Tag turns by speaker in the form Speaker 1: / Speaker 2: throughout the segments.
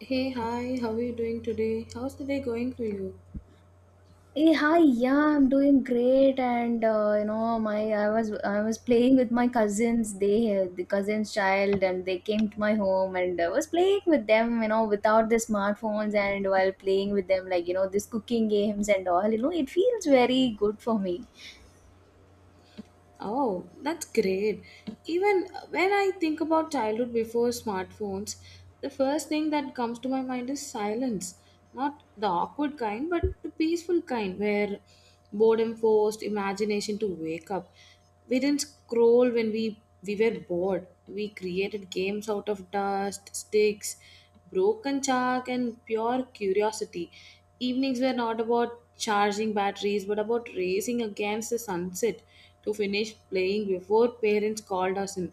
Speaker 1: Hey, hi, how are you doing today? How's the day going for you?
Speaker 2: Hey, hi, yeah, I'm doing great, and you know, my I was playing with my cousins. The cousins' child, and they came to my home, and I was playing with them, you know, without the smartphones, and while playing with them, like you know, this cooking games and all, you know, it feels very good for me.
Speaker 1: Oh, that's great. Even when I think about childhood before smartphones, the first thing that comes to my mind is silence. Not the awkward kind, but the peaceful kind where boredom forced imagination to wake up. We didn't scroll when we were bored. We created games out of dust, sticks, broken chalk and pure curiosity. Evenings were not about charging batteries but about racing against the sunset to finish playing before parents called us in.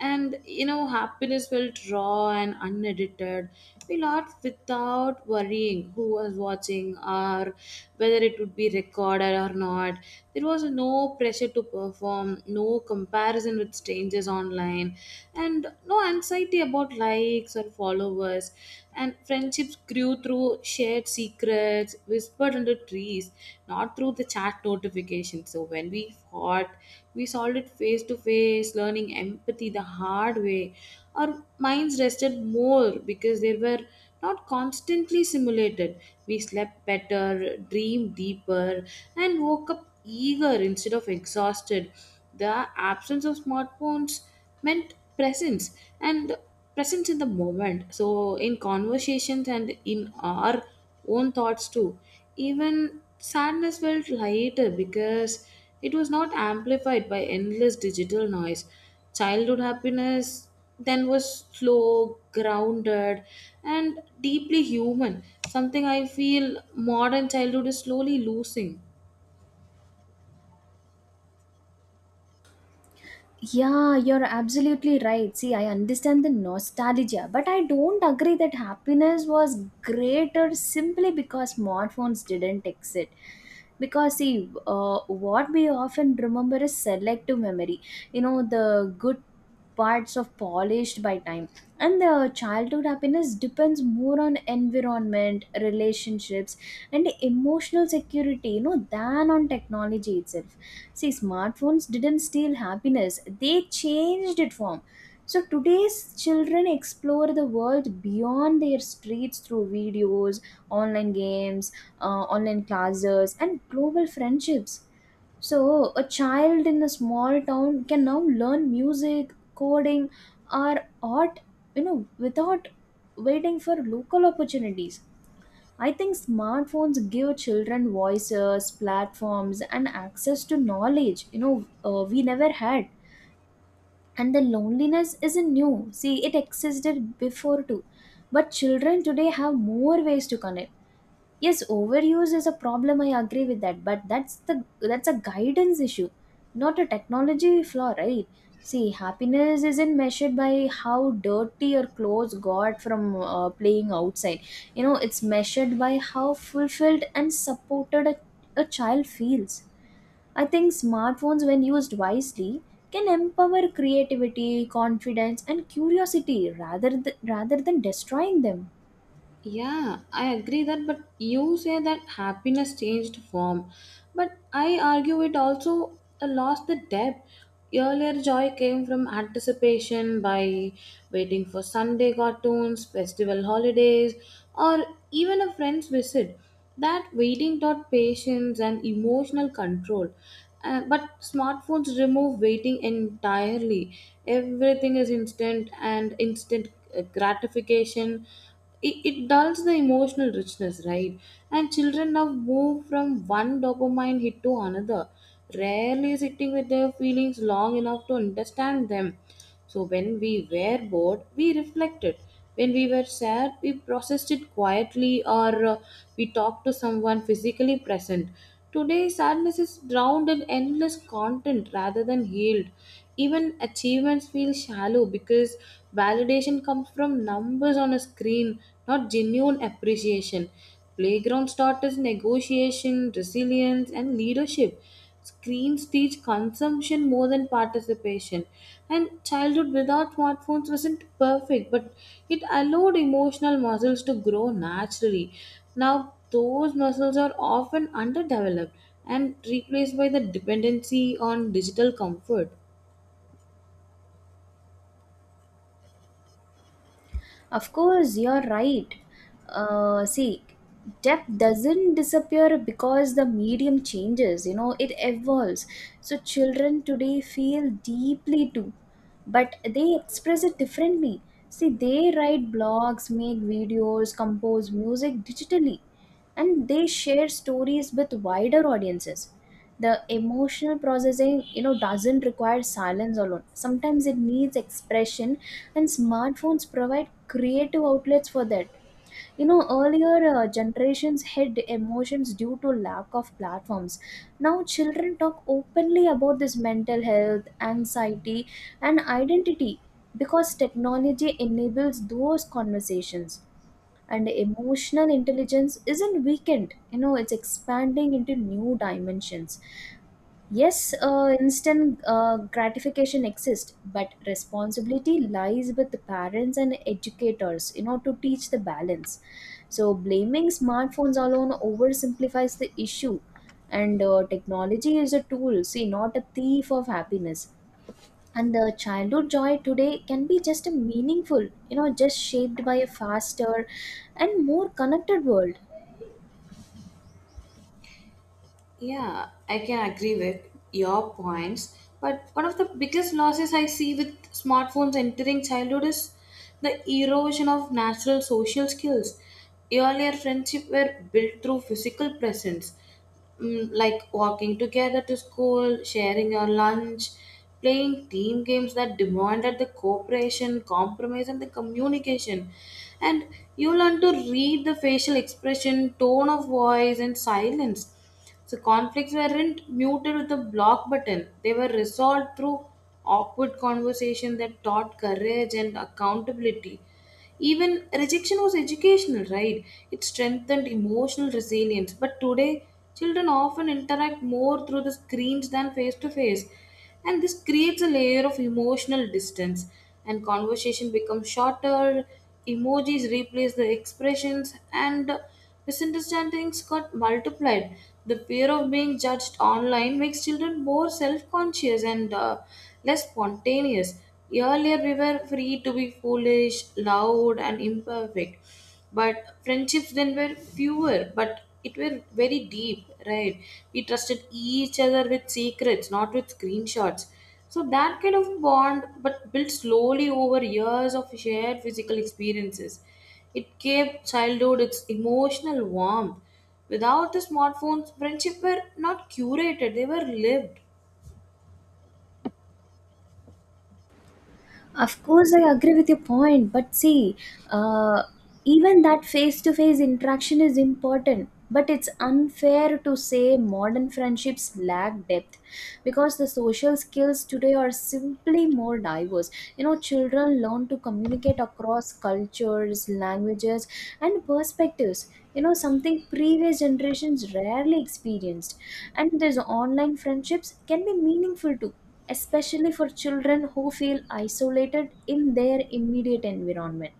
Speaker 1: And happiness felt raw and unedited. We laughed without worrying who was watching or whether it would be recorded or not. There was no pressure to perform, no comparison with strangers online, and no anxiety about likes or followers. And friendships grew through shared secrets, whispered under trees, not through the chat notifications. So when we fought, we solved it face to face, learning empathy the hard way. Our minds rested more because they were not constantly simulated. We slept better, dreamed deeper, and woke up eager instead of exhausted. The absence of smartphones meant presence and presence in the moment. So, in conversations and in our own thoughts too. Even sadness felt lighter because it was not amplified by endless digital noise. Childhood happiness then was slow, grounded, and deeply human, something I feel modern childhood is slowly losing.
Speaker 2: Yeah, you're absolutely right. See, I understand the nostalgia, but I don't agree that happiness was greater simply because smartphones didn't exist. Because, see, what we often remember is selective memory. You know, the good parts of polished by time. And the childhood happiness depends more on environment, relationships, and emotional security, you know, than on technology itself. See, smartphones didn't steal happiness, they changed it form. So today's children explore the world beyond their streets through videos, online games, online classes, and global friendships. So a child in a small town can now learn music, coding, or art, you know, without waiting for local opportunities. I think smartphones give children voices, platforms, and access to knowledge, you know, we never had. And the loneliness isn't new. See, it existed before too. But children today have more ways to connect. Yes, overuse is a problem. I agree with that, but that's a guidance issue, not a technology flaw, right? See, happiness isn't measured by how dirty your clothes got from playing outside. You know, it's measured by how fulfilled and supported a child feels. I think smartphones, when used wisely, can empower creativity, confidence, and curiosity rather than destroying them.
Speaker 1: Yeah, I agree that, but you say that happiness changed form. But I argue it also lost the depth. Earlier, joy came from anticipation by waiting for Sunday cartoons, festival holidays, or even a friend's visit. That waiting taught patience and emotional control. But smartphones remove waiting entirely. Everything is instant and instant gratification, it dulls the emotional richness, right? And children now move from one dopamine hit to another, rarely sitting with their feelings long enough to understand them. So when we were bored, we reflected. When we were sad, we processed it quietly or we talked to someone physically present. Today, sadness is drowned in endless content rather than healed. Even achievements feel shallow because validation comes from numbers on a screen, not genuine appreciation. Playgrounds taught us negotiation, resilience, and leadership. Screens teach consumption more than participation. And childhood without smartphones wasn't perfect, but it allowed emotional muscles to grow naturally. Now, those muscles are often underdeveloped and replaced by the dependency on digital comfort.
Speaker 2: Of course, you're right. See, depth doesn't disappear because the medium changes, you know, it evolves. So, children today feel deeply too, but they express it differently. See, they write blogs, make videos, compose music digitally, and they share stories with wider audiences. The emotional processing, you know, doesn't require silence alone. Sometimes it needs expression, and smartphones provide creative outlets for that. You know, earlier generations hid emotions due to lack of platforms. Now children talk openly about this mental health, anxiety, and identity because technology enables those conversations, and emotional intelligence isn't weakened. You know, it's expanding into new dimensions. Yes, instant gratification exists, but responsibility lies with the parents and educators, you know, to teach the balance. So, blaming smartphones alone oversimplifies the issue, and technology is a tool, see, not a thief of happiness. And the childhood joy today can be just a meaningful, you know, just shaped by a faster and more connected world.
Speaker 1: Yeah, I can agree with your points, but one of the biggest losses I see with smartphones entering childhood is the erosion of natural social skills. Earlier friendships were built through physical presence, like walking together to school, sharing your lunch, playing team games that demanded the cooperation, compromise, and the communication. And you learn to read the facial expression, tone of voice, and silence, so conflicts weren't muted with a block button. They were resolved through awkward conversation that taught courage and accountability. Even rejection was educational, right? It strengthened emotional resilience. But today, children often interact more through the screens than face to face. And this creates a layer of emotional distance. And conversation becomes shorter, emojis replace the expressions, and misunderstandings got multiplied. The fear of being judged online makes children more self conscious and less spontaneous. Earlier, we were free to be foolish, loud, and imperfect. But friendships then were fewer, but it were very deep, right? We trusted each other with secrets, not with screenshots. So that kind of bond, but built slowly over years of shared physical experiences. It gave childhood its emotional warmth. Without the smartphones, friendship were not curated, they were lived.
Speaker 2: Of course, I agree with your point, but see, uh, even that face to face interaction is important. But it's unfair to say modern friendships lack depth because the social skills today are simply more diverse. You know, children learn to communicate across cultures, languages, and perspectives. You know, something previous generations rarely experienced. And these online friendships can be meaningful too, especially for children who feel isolated in their immediate environment.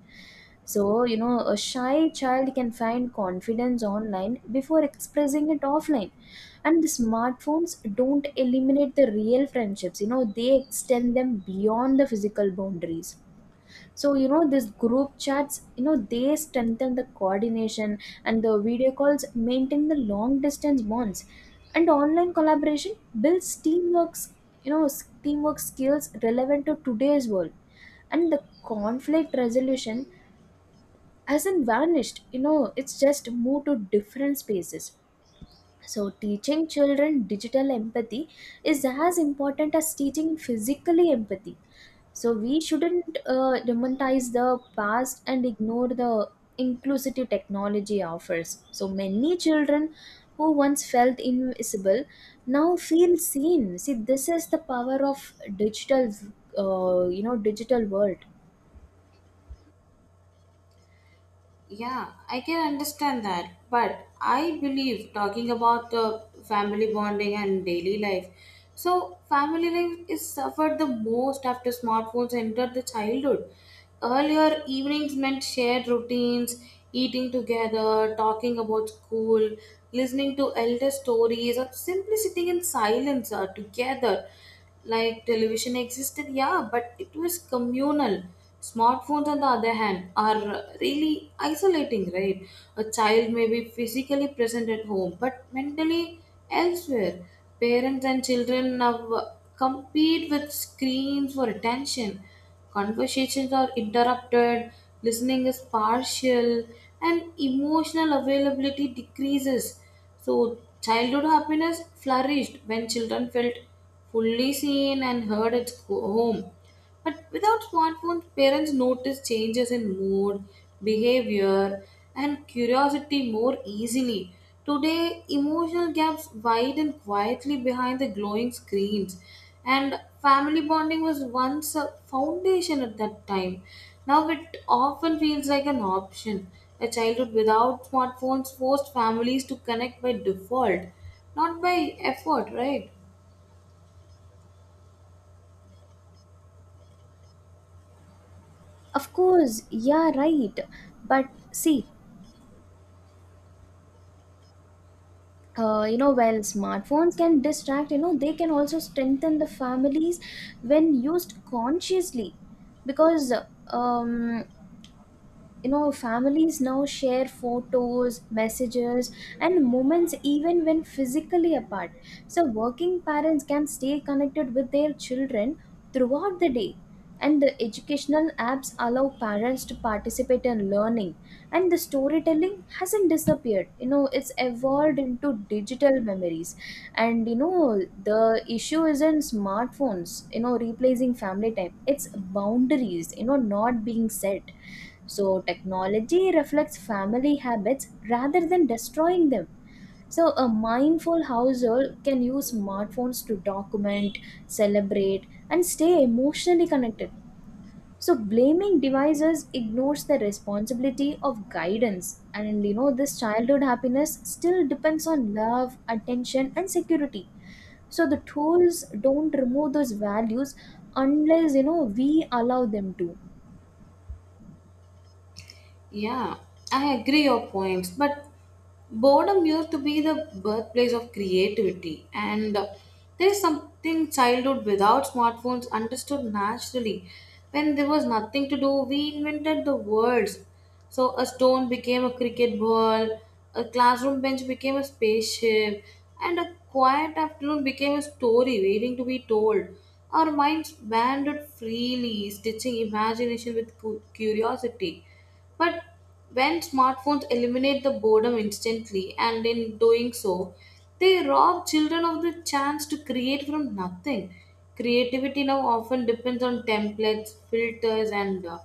Speaker 2: So, you know, a shy child can find confidence online before expressing it offline. And the smartphones don't eliminate the real friendships, you know, they extend them beyond the physical boundaries. So you know, this group chats, you know, they strengthen the coordination, and the video calls maintain the long distance bonds, and online collaboration builds teamwork. You know, teamwork skills relevant to today's world. And the conflict resolution hasn't vanished. You know, it's just moved to different spaces. So, teaching children digital empathy is as important as teaching physically empathy. So, we shouldn't demonize the past and ignore the inclusive technology offers. So, many children who once felt invisible now feel seen. See, this is the power of digital, you know, digital world.
Speaker 1: Yeah, I can understand that. But I believe talking about the family bonding and daily life. So, family life is suffered the most after smartphones entered the childhood. Earlier, evenings meant shared routines, eating together, talking about school, listening to elder stories, or simply sitting in silence together. Like television existed, yeah, but it was communal. Smartphones on the other hand are really isolating, right? A child may be physically present at home but mentally elsewhere. Parents and children now compete with screens for attention. Conversations are interrupted, listening is partial, and emotional availability decreases. So, childhood happiness flourished when children felt fully seen and heard at home. But without smartphones, parents notice changes in mood, behavior, and curiosity more easily. Today, emotional gaps widen quietly behind the glowing screens, and family bonding was once a foundation at that time. Now it often feels like an option. A childhood without smartphones forced families to connect by default, not by effort, right?
Speaker 2: Of course, yeah, right. But see, you know, while smartphones can distract, you know, they can also strengthen the families when used consciously. Because um, you know, families now share photos, messages, and moments even when physically apart. So working parents can stay connected with their children throughout the day, and the educational apps allow parents to participate in learning. And the storytelling hasn't disappeared. You know, it's evolved into digital memories. And you know, the issue isn't smartphones, you know, replacing family time. It's boundaries, you know, not being set. So, technology reflects family habits rather than destroying them. So, a mindful household can use smartphones to document, celebrate, and stay emotionally connected. So, blaming devices ignores the responsibility of guidance, and you know, this childhood happiness still depends on love, attention, and security. So, the tools don't remove those values unless, you know, we allow them to.
Speaker 1: Yeah, I agree your points, but boredom used to be the birthplace of creativity, and there is something childhood without smartphones understood naturally. When there was nothing to do, we invented the words. So a stone became a cricket ball, a classroom bench became a spaceship, and a quiet afternoon became a story waiting to be told. Our minds wandered freely, stitching imagination with curiosity. But when smartphones eliminate the boredom instantly, and in doing so, they rob children of the chance to create from nothing. Creativity now often depends on templates, filters, and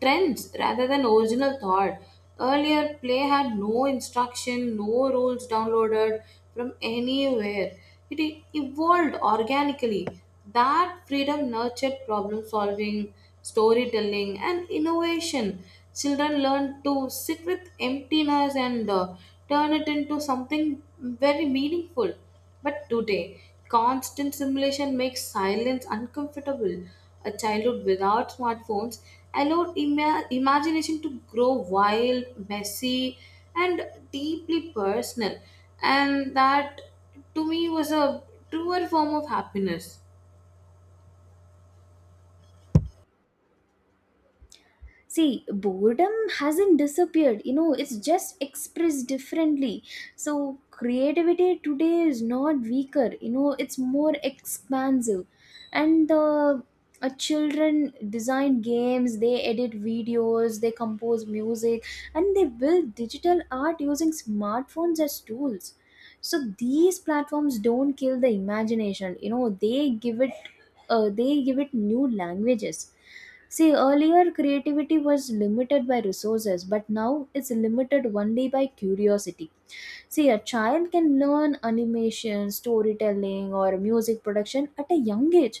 Speaker 1: trends rather than original thought. Earlier, play had no instruction, no rules downloaded from anywhere. It evolved organically. That freedom nurtured problem solving, storytelling, and innovation. Children learn to sit with emptiness and turn it into something very meaningful. But today, constant simulation makes silence uncomfortable. A childhood without smartphones allowed imagination to grow wild, messy, and deeply personal. And that to me was a truer form of happiness.
Speaker 2: See, boredom hasn't disappeared. You know, it's just expressed differently. So creativity today is not weaker. You know, it's more expansive. And the children design games, they edit videos, they compose music, and they build digital art using smartphones as tools. So these platforms don't kill the imagination. You know, they give it new languages. See, earlier creativity was limited by resources, but now it's limited only by curiosity. See, a child can learn animation, storytelling, or music production at a young age.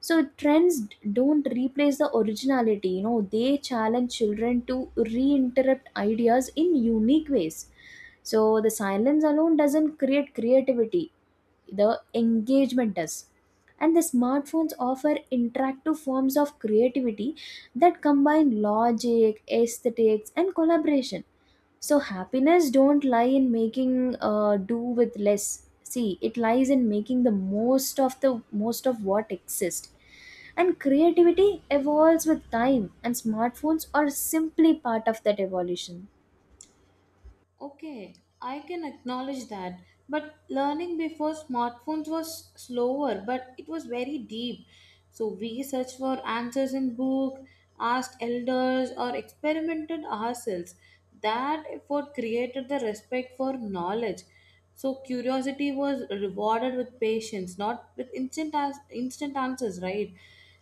Speaker 2: So, trends don't replace the originality. You know, they challenge children to re interrupt ideas in unique ways. So, the silence alone doesn't create creativity, the engagement does. And the smartphones offer interactive forms of creativity that combine logic, aesthetics, and collaboration. So happiness don't lie in making do with less. See, it lies in making the most of what exists. And creativity evolves with time, and smartphones are simply part of that evolution.
Speaker 1: Okay, I can acknowledge that. But learning before smartphones was slower, but it was very deep. So we searched for answers in book, asked elders, or experimented ourselves. That effort created the respect for knowledge. So curiosity was rewarded with patience, not with instant as instant answers, right?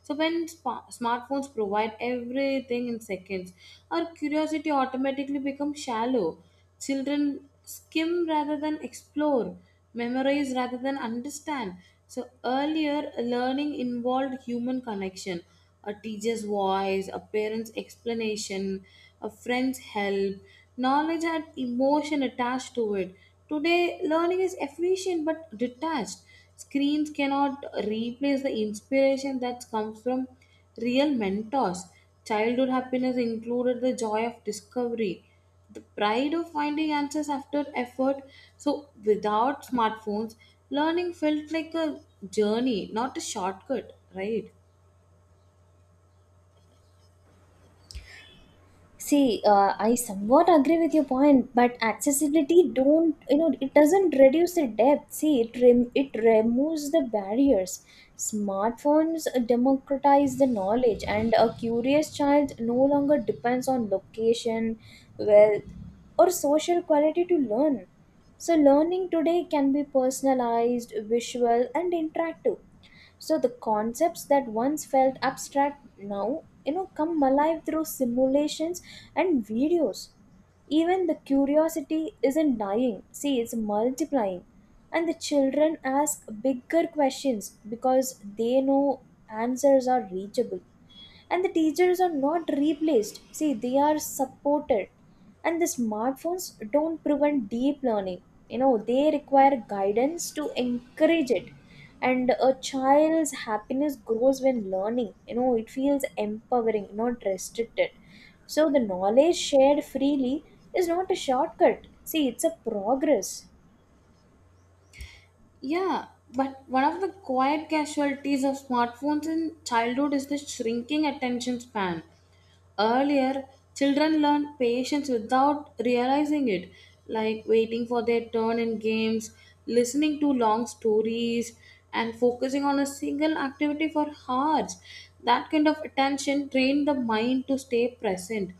Speaker 1: So when smartphones provide everything in seconds, our curiosity automatically becomes shallow. Children skim rather than explore, memorize rather than understand. So earlier, learning involved human connection, a teacher's voice, a parent's explanation, a friend's help. Knowledge had emotion attached to it. Today, learning is efficient but detached. Screens cannot replace the inspiration that comes from real mentors. Childhood happiness included the joy of discovery, the pride of finding answers after effort. So, without smartphones, learning felt like a journey, not a shortcut, right?
Speaker 2: See, I somewhat agree with your point, but accessibility don't, you know, it doesn't reduce the depth. See, it it removes the barriers. Smartphones democratize the knowledge, and a curious child no longer depends on location, wealth, or social quality to learn. So, learning today can be personalized, visual, and interactive. So the concepts that once felt abstract now, you know, come alive through simulations and videos. Even the curiosity isn't dying. See, it's multiplying. And the children ask bigger questions because they know answers are reachable. And the teachers are not replaced. See, they are supported. And the smartphones don't prevent deep learning. You know, they require guidance to encourage it. And a child's happiness grows when learning, you know, it feels empowering, not restricted. So the knowledge shared freely is not a shortcut. See, it's a progress.
Speaker 1: Yeah, but one of the quiet casualties of smartphones in childhood is the shrinking attention span. Earlier, children learned patience without realizing it, like waiting for their turn in games, listening to long stories, and focusing on a single activity for hours. That kind of attention trained the mind to stay present.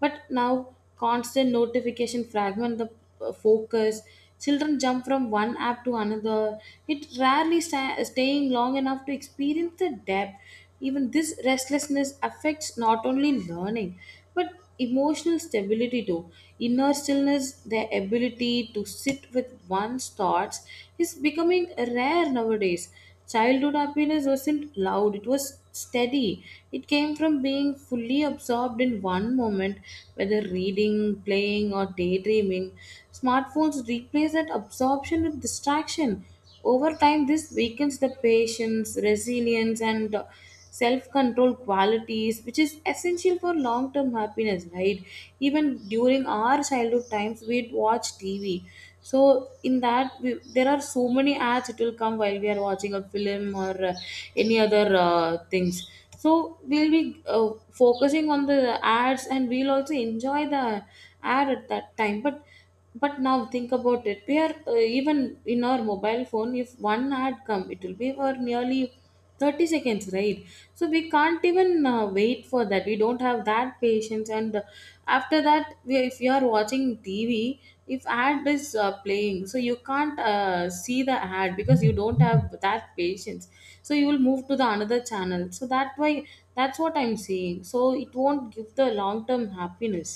Speaker 1: But now, constant notification fragment the focus. Children jump from one app to another. It rarely staying long enough to experience the depth. Even this restlessness affects not only learning but emotional stability too. Inner stillness, their ability to sit with one's thoughts, is becoming rare nowadays. Childhood happiness wasn't loud, it was steady. It came from being fully absorbed in one moment, whether reading, playing, or daydreaming. Smartphones replace that absorption with distraction. Over time, this weakens the patience, resilience, and self control qualities, which is essential for long term happiness, right? Even during our childhood times, we'd watch TV. So in that there are so many ads it will come while we are watching a film or any other things. So we'll be focusing on the ads and we'll also enjoy the ad at that time, but now think about it, we are even in our mobile phone, if one ad come it will be for nearly 30 seconds, right? So we can't even wait for that, we don't have that patience. And after that if you are watching TV, if ad is playing, so you can't see the ad because you don't have that patience. So you will move to the another channel. So that why, that's what I'm saying, so it won't give the long term happiness.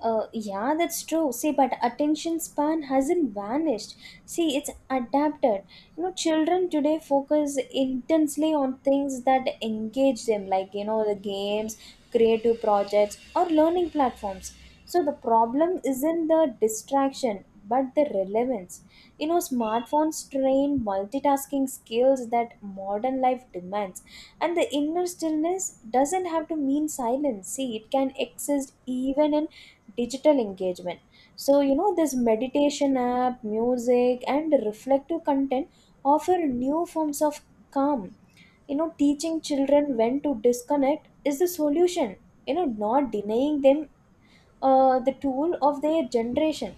Speaker 2: Yeah, that's true. See, but attention span hasn't vanished. See, it's adapted. You know, children today focus intensely on things that engage them, like, you know, the games, creative projects, or learning platforms. So the problem isn't the distraction, but the relevance. You know, smartphones train multitasking skills that modern life demands. And the inner stillness doesn't have to mean silence. See, it can exist even in digital engagement. So you know, this meditation app music and reflective content offer new forms of calm. You know, teaching children when to disconnect is the solution, you know, not denying them the tool of their generation.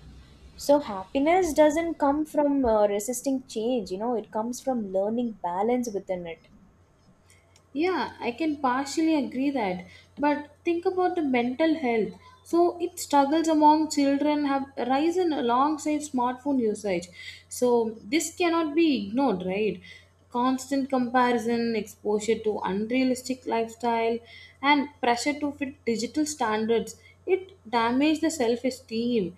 Speaker 2: So happiness doesn't come from resisting change. You know, it comes from learning balance within it.
Speaker 1: Yeah, I can partially agree that. But think about the mental health. So it struggles among children have risen alongside smartphone usage. So this cannot be ignored, right? Constant comparison, exposure to unrealistic lifestyle, and pressure to fit digital standards. It damages the self-esteem.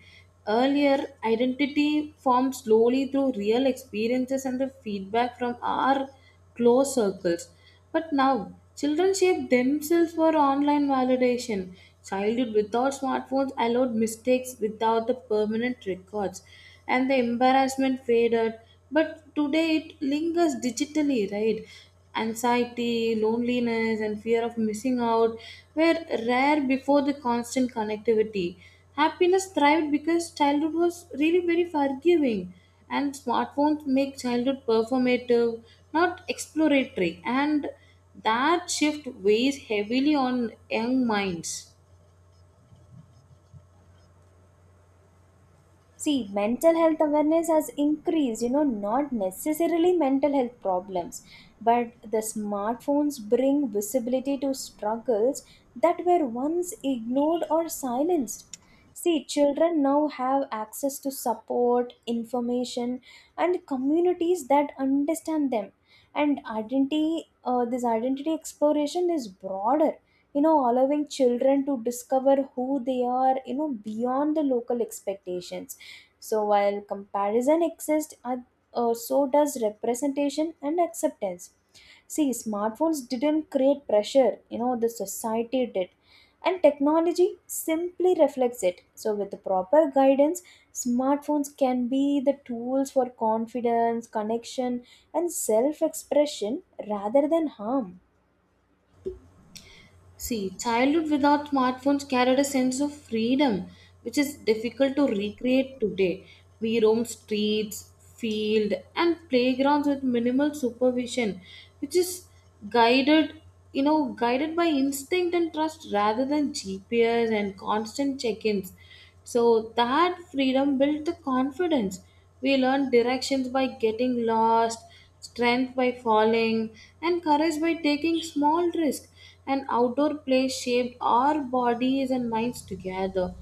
Speaker 1: Earlier, identity formed slowly through real experiences and the feedback from our close circles. But now, children shape themselves for online validation. Childhood without smartphones allowed mistakes without the permanent records, and the embarrassment faded. But today it lingers digitally, right? Anxiety, loneliness, and fear of missing out were rare before the constant connectivity. Happiness thrived because childhood was really very forgiving, and smartphones make childhood performative, not exploratory, and that shift weighs heavily on young minds.
Speaker 2: See, mental health awareness has increased, you know, not necessarily mental health problems, but the smartphones bring visibility to struggles that were once ignored or silenced. See, children now have access to support, information, and communities that understand them. And identity, this identity exploration is broader, you know, allowing children to discover who they are, you know, beyond the local expectations. So while comparison exists, so does representation and acceptance. See, smartphones didn't create pressure, you know, the society did. And technology simply reflects it. So, with the proper guidance, smartphones can be the tools for confidence, connection, and self expression rather than harm.
Speaker 1: See, childhood without smartphones carried a sense of freedom, which is difficult to recreate today. We roam streets, field, and playgrounds with minimal supervision, which is guided, guided by instinct and trust rather than GPS and constant check-ins. So that freedom built the confidence. We learned directions by getting lost, strength by falling, and courage by taking small risks, and outdoor play shaped our bodies and minds together.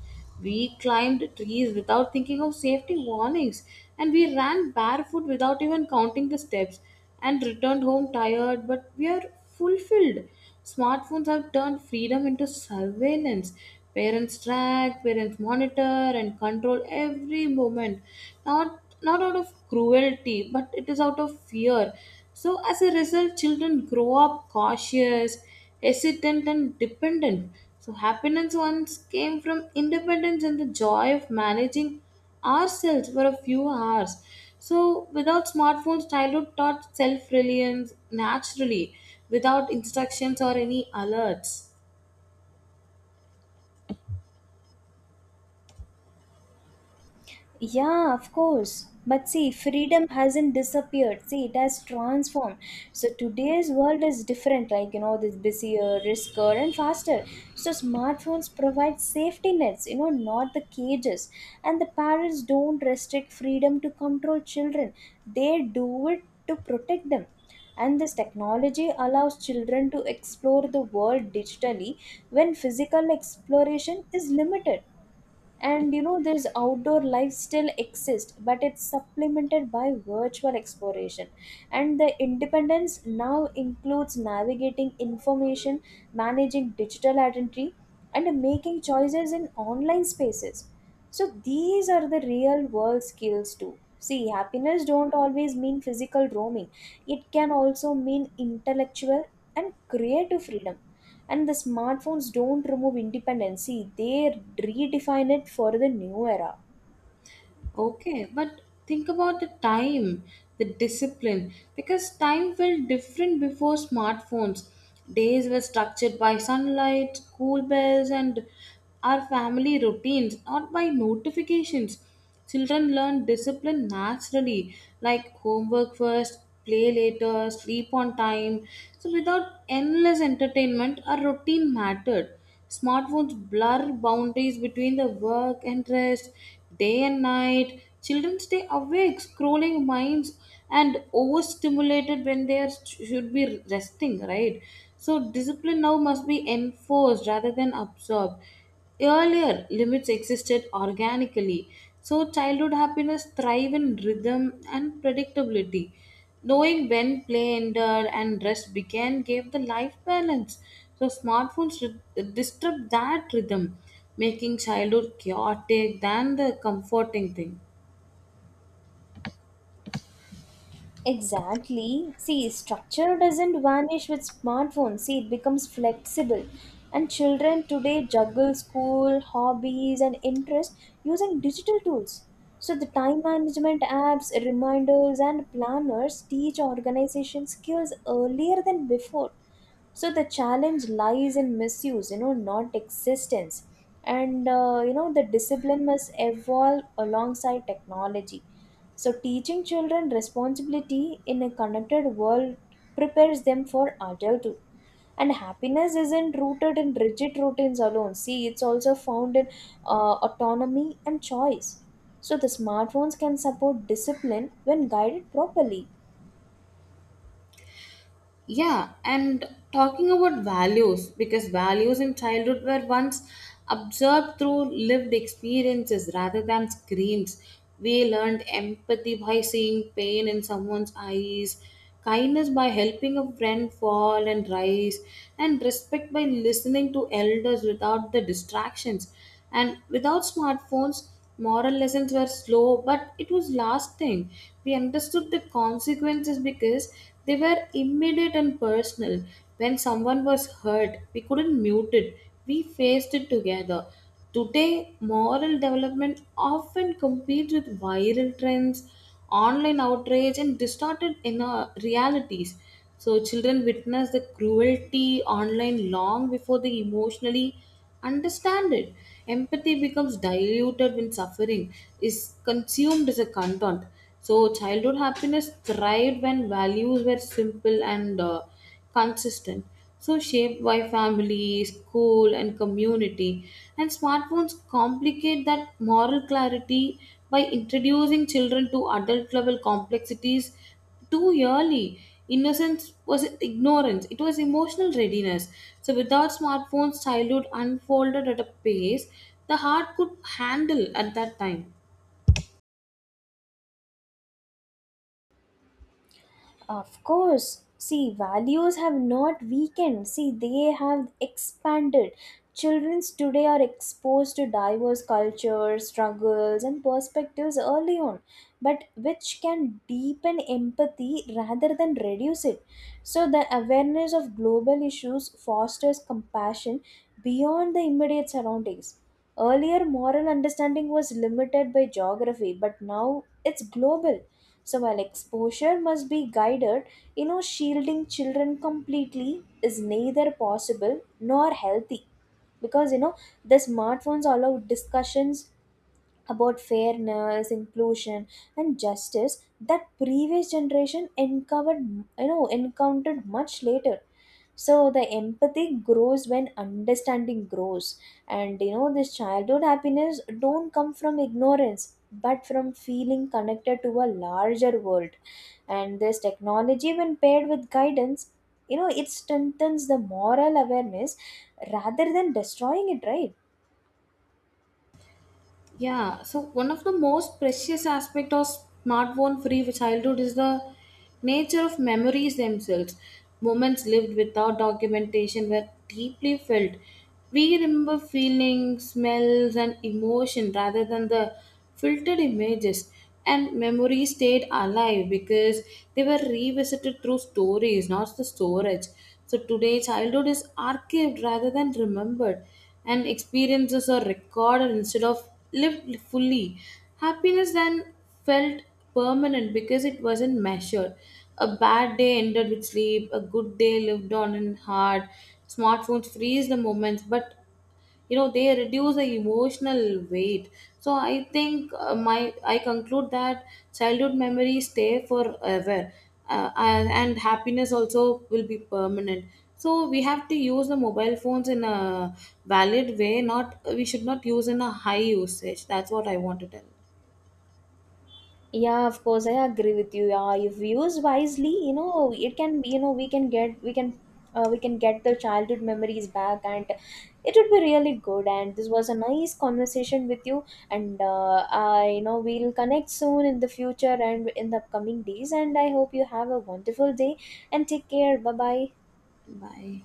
Speaker 1: We climbed trees without thinking of safety warnings, and we ran barefoot without even counting the steps, and returned home tired, but we are fulfilled. Smartphones have turned freedom into surveillance. Parents track, parents monitor, and control every moment. Not out of cruelty, but it is out of fear. So as a result, children grow up cautious, hesitant, and dependent. So, happiness once came from independence and the joy of managing ourselves for a few hours. So, without smartphones, childhood taught self reliance naturally, without instructions or any alerts.
Speaker 2: Yeah, of course. But see, freedom hasn't disappeared. See, it has transformed. So today's world is different, like you know, this busier, riskier, and faster. So smartphones provide safety nets, you know, not the cages. And the parents don't restrict freedom to control children. They do it to protect them. And this technology allows children to explore the world digitally when physical exploration is limited. And you know, this outdoor life still exists, but it's supplemented by virtual exploration. And the independence now includes navigating information, managing digital identity, and making choices in online spaces. So these are the real world skills too. See, happiness don't always mean physical roaming. It can also mean intellectual and creative freedom. And the smartphones don't remove independency, they redefine it for the new era.
Speaker 1: Okay, but think about the time, the discipline, because time felt different before smartphones. Days were structured by sunlight, school bells, and our family routines, not by notifications. Children learn discipline naturally, like homework first, play later, sleep on time. So, without endless entertainment, our routine mattered. Smartphones blur boundaries between the work and rest. Day and night, children stay awake, scrolling minds, and overstimulated when they are, should be resting, right? So, discipline now must be enforced rather than absorbed. Earlier, limits existed organically. So, childhood happiness thrive in rhythm and predictability. Knowing when play ended and rest began gave the life balance. So smartphones disrupt that rhythm, making childhood chaotic than the comforting thing.
Speaker 2: Exactly. See, structure doesn't vanish with smartphones. See, it becomes flexible. And children today juggle school, hobbies, and interests using digital tools. So, the time management apps, reminders, and planners teach organization skills earlier than before. So the challenge lies in misuse, you know, not existence. And you know, the discipline must evolve alongside technology. So teaching children responsibility in a connected world prepares them for adulthood. And happiness isn't rooted in rigid routines alone. See, it's also found in autonomy and choice. So the smartphones can support discipline when guided properly.
Speaker 1: Yeah, and talking about values, because values in childhood were once observed through lived experiences rather than screens. We learned empathy by seeing pain in someone's eyes, kindness by helping a friend fall and rise, and respect by listening to elders without the distractions. And without smartphones, moral lessons were slow, but it was lasting. We understood the consequences because they were immediate and personal. When someone was hurt, we couldn't mute it, we faced it together. Today, moral development often competes with viral trends, online outrage, and distorted inner realities. So children witness the cruelty online long before they emotionally understand it. Empathy becomes diluted when suffering is consumed as a content. So childhood happiness thrived when values were simple and consistent. So, shaped by family, school, and community. And smartphones complicate that moral clarity by introducing children to adult level complexities too early. Innocence was ignorance, it was emotional readiness. So, without smartphones, childhood unfolded at a pace the heart could handle at that time.
Speaker 2: Of course. See, values have not weakened. See, they have expanded. Children today are exposed to diverse cultures, struggles, and perspectives early on, but which can deepen empathy rather than reduce it. So, the awareness of global issues fosters compassion beyond the immediate surroundings. Earlier, moral understanding was limited by geography, but now it's global. So while exposure must be guided, you know, shielding children completely is neither possible nor healthy, because you know, the smartphones allow discussions about fairness, inclusion, and justice that previous generation encountered, you know, encountered much later. So the empathy grows when understanding grows. And you know, this childhood happiness don't come from ignorance, but from feeling connected to a larger world. And this technology, when paired with guidance, you know, it strengthens the moral awareness rather than destroying it, right?
Speaker 1: Yeah, so one of the most precious aspect of smartphone free childhood is the nature of memories themselves. Moments lived without documentation were deeply felt. We remember feelings, smells, and emotion rather than the filtered images. And memories stayed alive because they were revisited through stories, not the storage. So today, childhood is archived rather than remembered, and experiences are recorded instead of lived fully. Happiness then felt permanent because it wasn't measured. A bad day ended with sleep, a good day lived on in heart. Smartphones freeze the moments, but you know they reduce the emotional weight. So I think my I conclude that childhood memories stay forever, and happiness also will be permanent. So we have to use the mobile phones in a valid way, not we should not use in a high usage. That's what I want to tell.
Speaker 2: Yeah, of course, I agree with you. Yeah, if used wisely, you know, it can be, you know, we can get the childhood memories back, and it would be really good. And this was a nice conversation with you, and I, you know, we'll connect soon in the future and in the upcoming days. And I hope you have a wonderful day, and take care. Bye bye.
Speaker 1: Bye.